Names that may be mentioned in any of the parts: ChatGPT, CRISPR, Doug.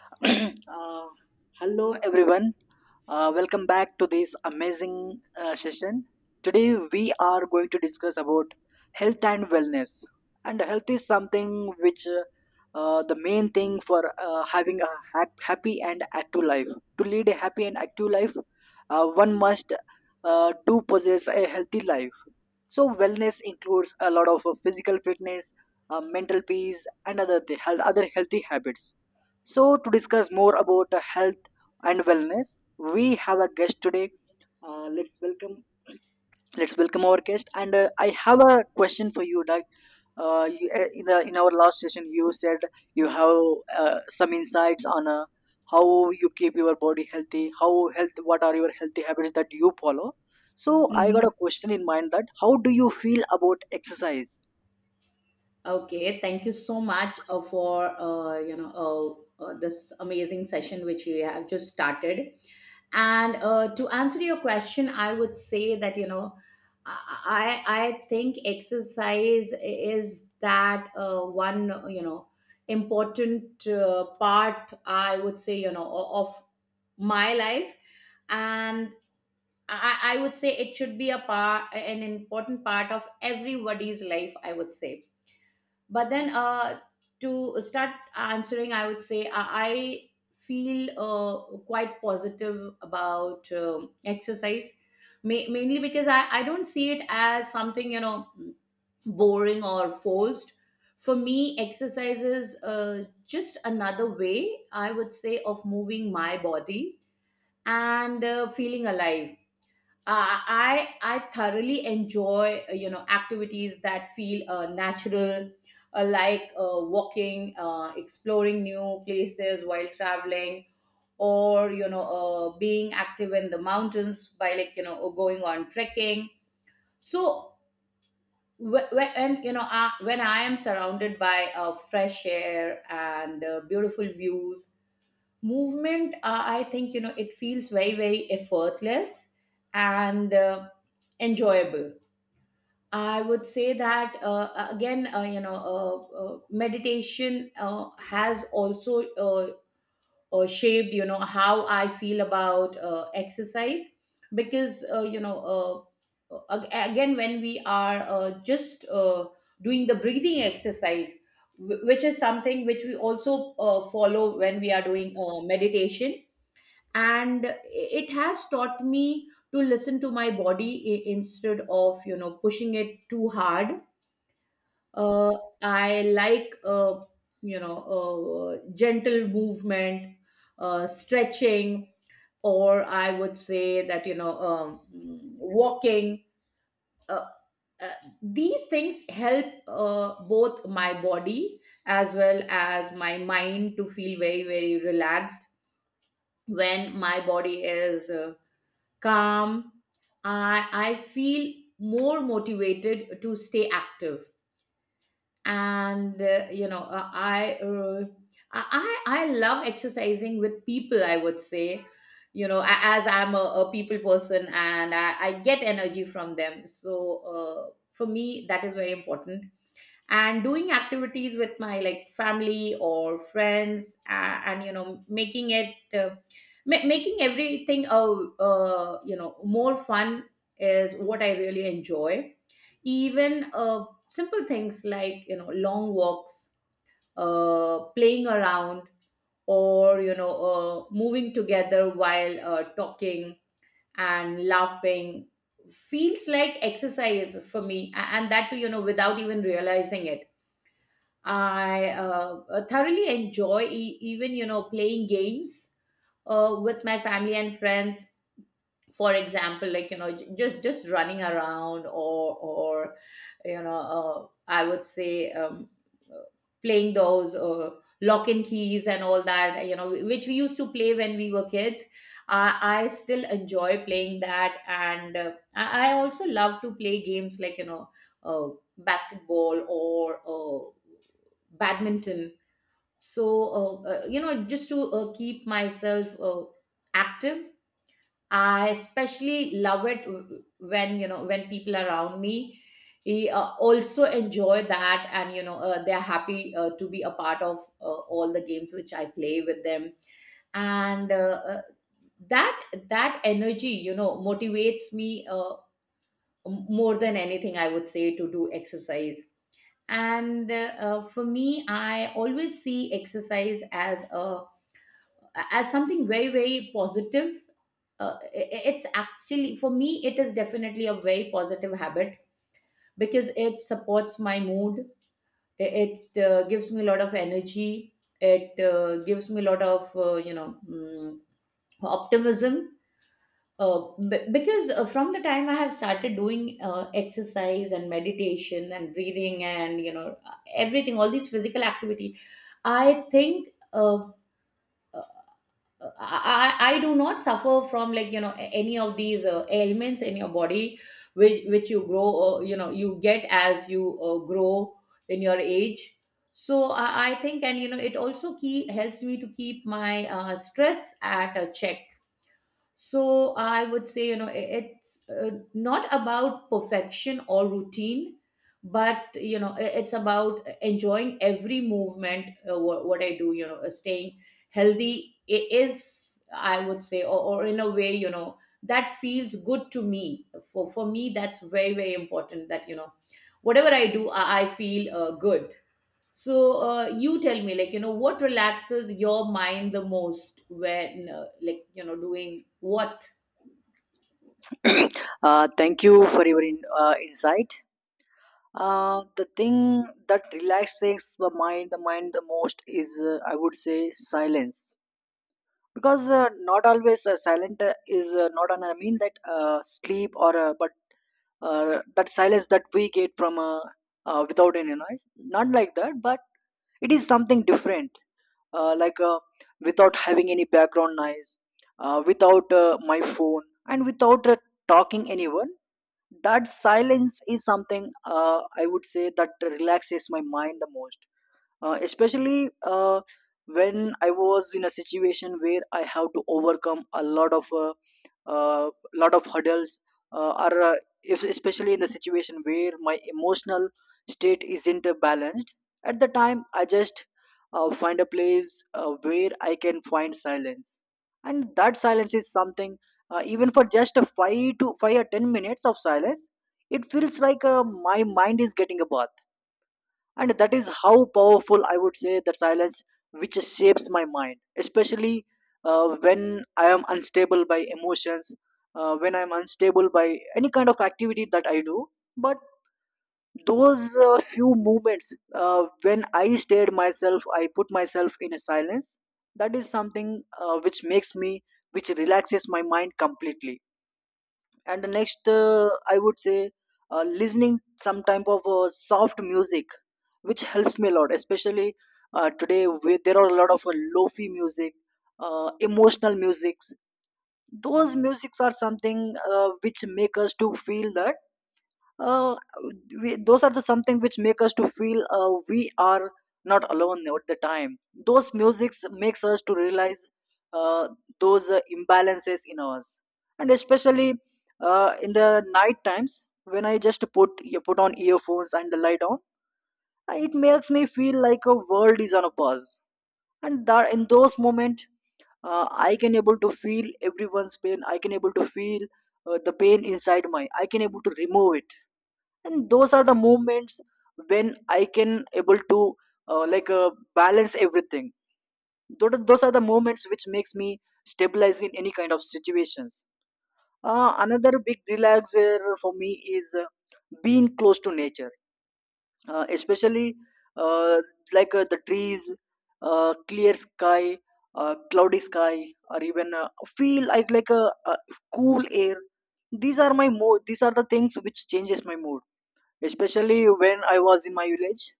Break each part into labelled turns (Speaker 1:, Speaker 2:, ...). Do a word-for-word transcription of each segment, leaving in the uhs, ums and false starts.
Speaker 1: uh, Hello everyone. Uh, welcome back to this amazing uh, session. Today we are going to discuss about health and wellness. And health is something which uh, uh, the main thing for uh, having a ha- happy and active life. To lead a happy and active life, uh, one must uh, do possess a healthy life. So wellness includes a lot of uh, physical fitness, uh, mental peace and other th- health, other healthy habits. So, to discuss more about uh, health and wellness, we have a guest today. Uh, let's welcome let's welcome our guest. And uh, I have a question for you, Doug. Uh, you, uh, in the in our last session, you said you have uh, some insights on uh, how you keep your body healthy, how health, what are your healthy habits that you follow. So, I got a
Speaker 2: Mhm.
Speaker 1: question in mind that how do you feel about exercise?
Speaker 2: Okay, thank you so much uh, for uh, you know uh, uh, this amazing session which we have just started. And uh, to answer your question, I would say that you know I I think exercise is that uh, one you know important uh, part, I would say, you know o- of my life. And I, I would say it should be a part an important part of everybody's life, I would say. But then uh, to start answering, I would say i, I feel uh, quite positive about um, exercise, ma- mainly because I, I don't see it as something, you know boring or forced. For me, exercise is uh, just another way, I would say, of moving my body and uh, feeling alive. Uh, I I thoroughly enjoy uh, you know activities that feel uh, natural, uh, like uh, walking, uh, exploring new places while traveling, or you know uh, being active in the mountains by, like you know uh, going on trekking. So wh- wh- and you know uh, When I am surrounded by uh, fresh air and uh, beautiful views, movement, uh, I think, you know it feels very, very effortless and uh, enjoyable. I would say that, uh, again, uh, you know, uh, uh, meditation uh, has also uh, uh, shaped, you know, how I feel about uh, exercise because, uh, you know, uh, uh, ag- again, when we are uh, just uh, doing the breathing exercise, wh- which is something which we also uh, follow when we are doing uh, meditation, and it has taught me to listen to my body i- instead of, you know, pushing it too hard. uh, I like uh, you know uh, gentle movement, uh, stretching, or I would say, that you know um, walking. Uh, uh, these things help uh, both my body as well as my mind to feel very, very relaxed. When my body is uh, calm, I I feel more motivated to stay active. And uh, you know uh, i uh, i i I love exercising with people, I would say, you know a- as I'm a, a people person and I, I get energy from them. So uh, for me, that is very important. And doing activities with my, like, family or friends, uh, and you know making it uh, ma- making everything uh, uh, you know more fun is what I really enjoy. Even uh, simple things, like, you know, long walks, uh, playing around, or you know uh, moving together while uh, talking and laughing feels like exercise for me, a- and that too, you know, without even realizing it. I uh, uh, thoroughly enjoy, e- even, you know, playing games uh, with my family and friends. For example, like, you know, j- just just running around, or or you know uh, I would say um, uh, playing those uh, lock and keys and all that, you know, which we used to play when we were kids. I, I still enjoy playing that. And uh, I, I also love to play games like, you know, uh, basketball or uh, badminton. So uh, uh, you know just to uh, keep myself uh, active. I especially love it w- when, you know, when people around me eh, uh, also enjoy that, and, you know, uh, they're happy uh, to be a part of uh, all the games which I play with them. And uh, uh, that that energy, you know, motivates me, uh, m- more than anything, I would say, to do exercise. And uh, uh, for me, I always see exercise as a, as something very, very positive. Uh, i- i- it's actually, for me, it is definitely a very positive habit because it supports my mood, i- it uh, gives me a lot of energy, it uh, gives me a lot of uh, you know mm, optimism, uh, b- because uh, from the time I have started doing uh, exercise and meditation and breathing and, you know, everything, all these physical activity, I think uh, uh, I, I I do not suffer from, like, you know, a- any of these uh, ailments in your body which which you grow, uh, you know, you get as you uh, grow in your age. So I, I think, and, you know, it also keep helps me to keep my uh, stress at a check. So I would say, you know, it's uh, not about perfection or routine, but, you know, it's about enjoying every movement, uh, what, what I do, you know, uh, staying healthy, I- is I would say, or, or in a way, you know, that feels good to me. for for me, that's very, very important, that, you know, whatever I do, i, I feel uh, good. So uh, you tell me, like, you know, what relaxes your mind the most when, uh, like, you know, doing what?
Speaker 1: Uh, thank you for your in, uh, insight. Uh, the thing that relaxes the mind, the mind the most is, uh, I would say, silence. Because uh, not always uh, silent uh, is uh, not on. I mean that uh, sleep or uh, but uh, that silence that we get from uh, uh, without any noise. Not like that, but it is something different. Uh, like uh, Without having any background noise, uh, without uh, my phone, and without uh, talking anyone. That silence is something, uh, I would say, that relaxes my mind the most. Uh, especially uh, When I was in a situation where I have to overcome a lot of uh, uh, lot of hurdles, uh, or uh, if, especially in the situation where my emotional state isn't uh, balanced, at the time I just uh, find a place uh, where I can find silence. And that silence is something, uh, even for just a five to five or ten minutes of silence, it feels like uh, my mind is getting a bath. And that is how powerful, I would say, that silence, which shapes my mind, especially uh, when I am unstable by emotions, uh, when I am unstable by any kind of activity that I do. But those uh, few moments uh, when I stared myself, I put myself in a silence, that is something uh, which makes me, which relaxes my mind completely. And next, uh, I would say, uh, listening some type of uh, soft music, which helps me a lot, especially uh, today where there are a lot of uh, lofi music, uh, emotional musics. Those musics are something uh, which make us to feel that uh, we, those are the something which make us to feel uh, we are not alone at the time. Those musics makes us to realize uh, those uh, imbalances in us. And especially uh, in the night times when I just put you put on earphones and lie down, it makes me feel like a world is on a pause. And that in those moments uh, I can able to feel everyone's pain, I can able to feel uh, the pain inside my, I can able to remove it. And those are the moments when I can able to uh, like uh, balance everything. Tho- those are the moments which makes me stabilize in any kind of situations. Uh, another big relaxer for me is uh, being close to nature, uh, especially uh, like uh, the trees, uh, clear sky, uh, cloudy sky, or even uh, feel like like a, a cool air. These are my mood, these are the things which changes my mood, especially when I was in my village.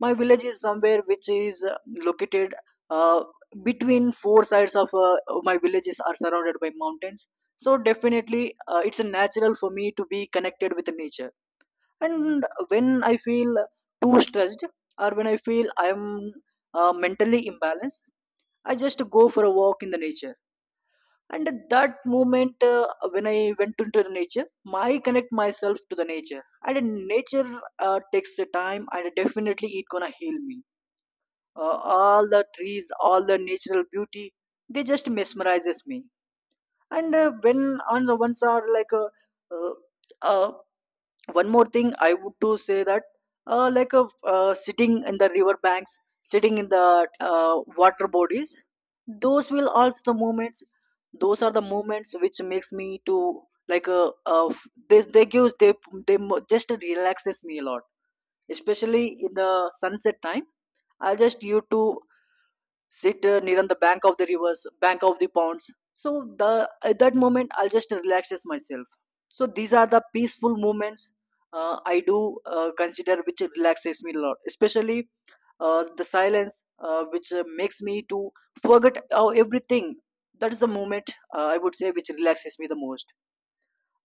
Speaker 1: My village is somewhere which is uh, located uh, between four sides of uh, my villages are surrounded by mountains. So definitely, uh, it's a natural for me to be connected with nature. And when I feel too stressed or when I feel I'm uh, mentally imbalanced, I just go for a walk in the nature. And at that moment uh, when I went into the nature, I connect myself to the nature, and nature uh, takes the time, and definitely it gonna heal me. Uh, all the trees, all the natural beauty, they just mesmerizes me. And uh, when on the ones are like uh, uh, uh, one more thing I would to say that uh, like a uh, sitting in the river banks, sitting in the uh, water bodies, those will also the moments those are the moments which makes me to like uh, uh, f- they, they give they they mo- just relaxes me a lot, especially in the sunset time. I just used to sit uh, near on the bank of the rivers bank of the ponds. So the at that moment, I'll just relaxes myself. So these are the peaceful moments uh, I do uh, consider which relaxes me a lot, especially uh, the silence, uh, which uh, makes me to forget uh, everything. That is the moment, uh, I would say, which relaxes me the most.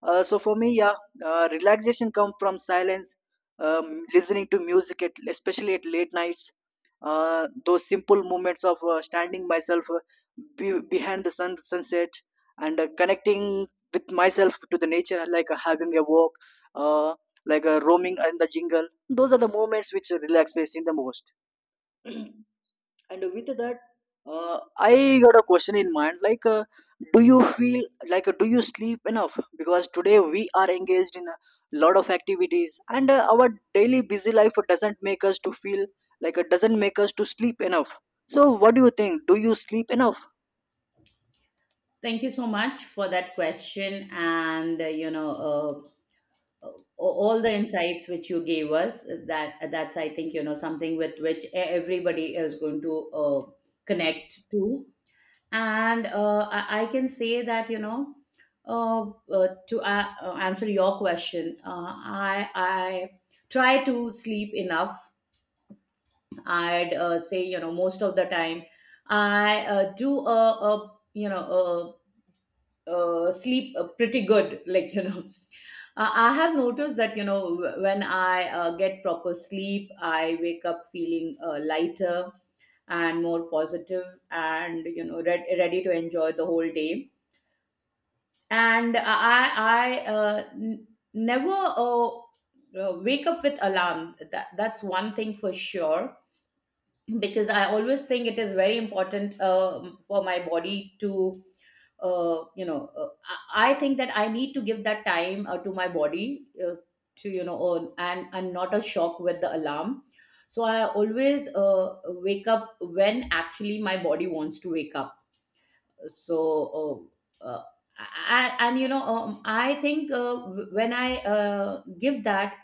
Speaker 1: uh, So for me, yeah, uh, relaxation comes from silence, um, listening to music, at, especially at late nights. Uh, those simple moments of uh, standing myself uh, be- behind the sun sunset, and uh, connecting with myself to the nature, like uh, having a walk, uh, like uh, roaming in the jungle. Those are the moments which relax me in the most. And with that, uh, I got a question in mind. Like, uh, do you feel like uh, do you sleep enough? Because today we are engaged in a lot of activities, and uh, our daily busy life doesn't make us to feel like, it doesn't make us to sleep enough. So, what do you think? Do you sleep enough?
Speaker 2: Thank you so much for that question and, uh, you know, uh, uh, all the insights which you gave us. That that's, I think, you know, something with which e- everybody is going to uh, connect to. And uh, I, I can say that, you know, uh, uh, to uh, uh, answer your question, uh, I I try to sleep enough. I'd uh, say, you know, most of the time I uh, do a, a, you know, a, a sleep uh, pretty good. Like, you know, uh, I have noticed that, you know, wh- when I uh, get proper sleep, I wake up feeling uh, lighter and more positive and, you know, re- ready to enjoy the whole day. And I, I uh, n- never uh, uh, wake up with alarm. That, that's one thing for sure, because I always think it is very important uh, for my body to, uh, you know, uh, I I think that I need to give that time uh, to my body uh, to, you know, uh, and and not a shock with the alarm. So I always uh, wake up when actually my body wants to wake up. So. Uh, uh, and, and, you know, um, I think uh, when I uh, give that,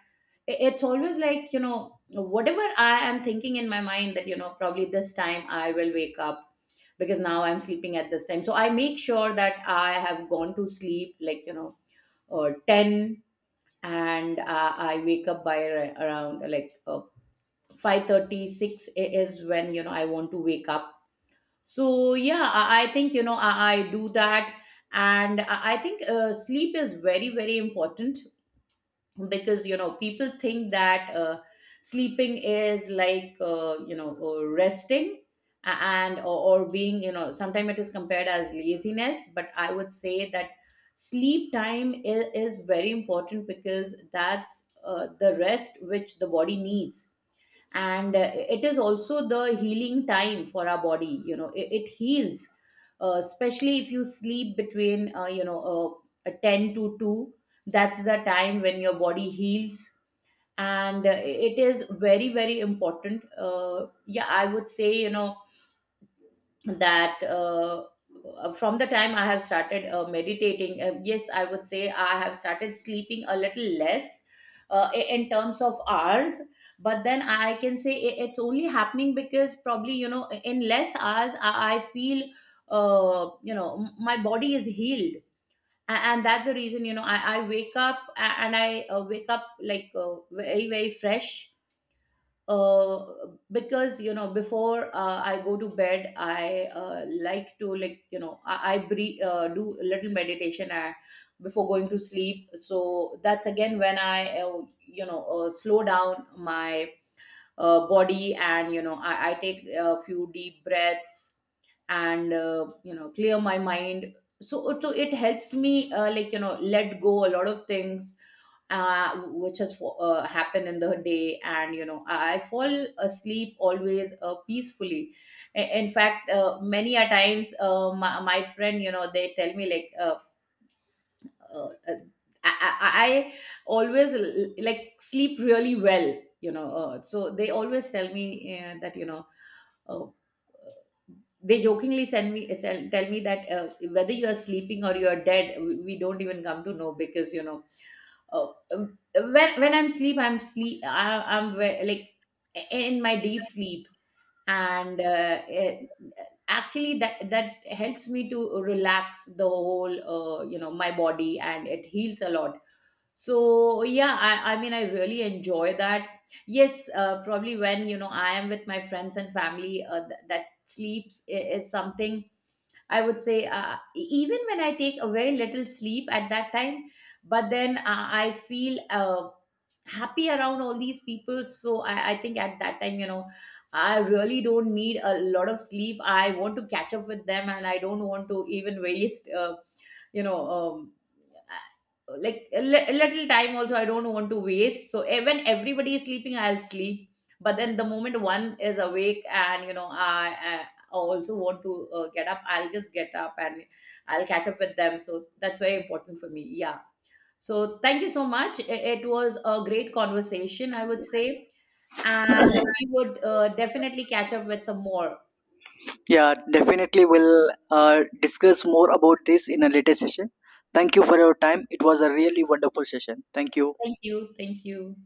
Speaker 2: it's always like, you know, whatever I am thinking in my mind, that, you know, probably this time I will wake up, because now I'm sleeping at this time. So I make sure that I have gone to sleep like, you know, uh, ten, and uh, I wake up by ar- around uh, like uh, five thirty-six is when, you know, I want to wake up. So yeah, i, I think, you know, I, I do that. And i I think uh, sleep is very, very important, because, you know, people think that uh, sleeping is like, uh, you know or resting, a- and or, or being, you know, sometimes it is compared as laziness. But I would say that sleep time is, is very important, because that's uh, the rest which the body needs. And uh, it is also the healing time for our body. You know, it, it heals, uh, especially if you sleep between, uh, you know uh, ten to two. That's the time when your body heals. And uh, it is very, very important. Uh, yeah, I would say, you know, that uh, uh, from the time I have started uh, meditating, uh, yes, I would say I have started sleeping a little less uh, i- in terms of hours. But then I can say i- it's only happening because probably, you know, in less hours, I, I feel, uh, you know, m- my body is healed. A- And that's the reason, you know, I, I wake up, a- and I uh, wake up like uh, very, very fresh, uh, because, you know, before uh, I go to bed, I uh, like to like you know I, I breathe, uh, do a little meditation uh, before going to sleep. So that's again when I uh, you know uh, slow down my uh, body and, you know, i, I take a few deep breaths and, uh, you know clear my mind. So, so it helps me uh, like you know let go a lot of things uh, which has fo- uh, happened in the day. And, you know, i I fall asleep always uh, peacefully. I- in fact, uh, many a times, uh, my, my friend, you know, they tell me like, uh, uh, uh, I, I I always l- like sleep really well, you know. Uh, so they always tell me uh, that, you know, uh, they jokingly send me sell- tell me that uh, whether you are sleeping or you are dead, we, we don't even come to know, because, you know, uh, um, when when i'm sleep i'm sleep I, i'm ve- like in my deep sleep. And uh, it, actually that that helps me to relax the whole, uh, you know my body, and it heals a lot. So yeah, i, I mean, I really enjoy that. Yes, uh, probably when, you know, I am with my friends and family, uh, th- that sleeps i- is something, I would say, uh, e-, even when I take a very little sleep at that time, but then uh, I feel uh, happy around all these people. So I, I think at that time, you know, I really don't need a lot of sleep. I want to catch up with them, and I don't want to even waste, uh, you know, um, like a li- little time also, I don't want to waste. So, eh, when everybody is sleeping, I'll sleep. But then the moment one is awake and, you know, i, I also want to uh, get up, I'll just get up and I'll catch up with them. So that's very important for me, yeah. So thank you so much, it, it was a great conversation, I would say, and we would uh, definitely catch up with some more.
Speaker 1: Yeah, definitely. We'll uh, discuss more about this in a later session. Thank you for your time. It was a really wonderful session. Thank you.
Speaker 2: Thank you thank you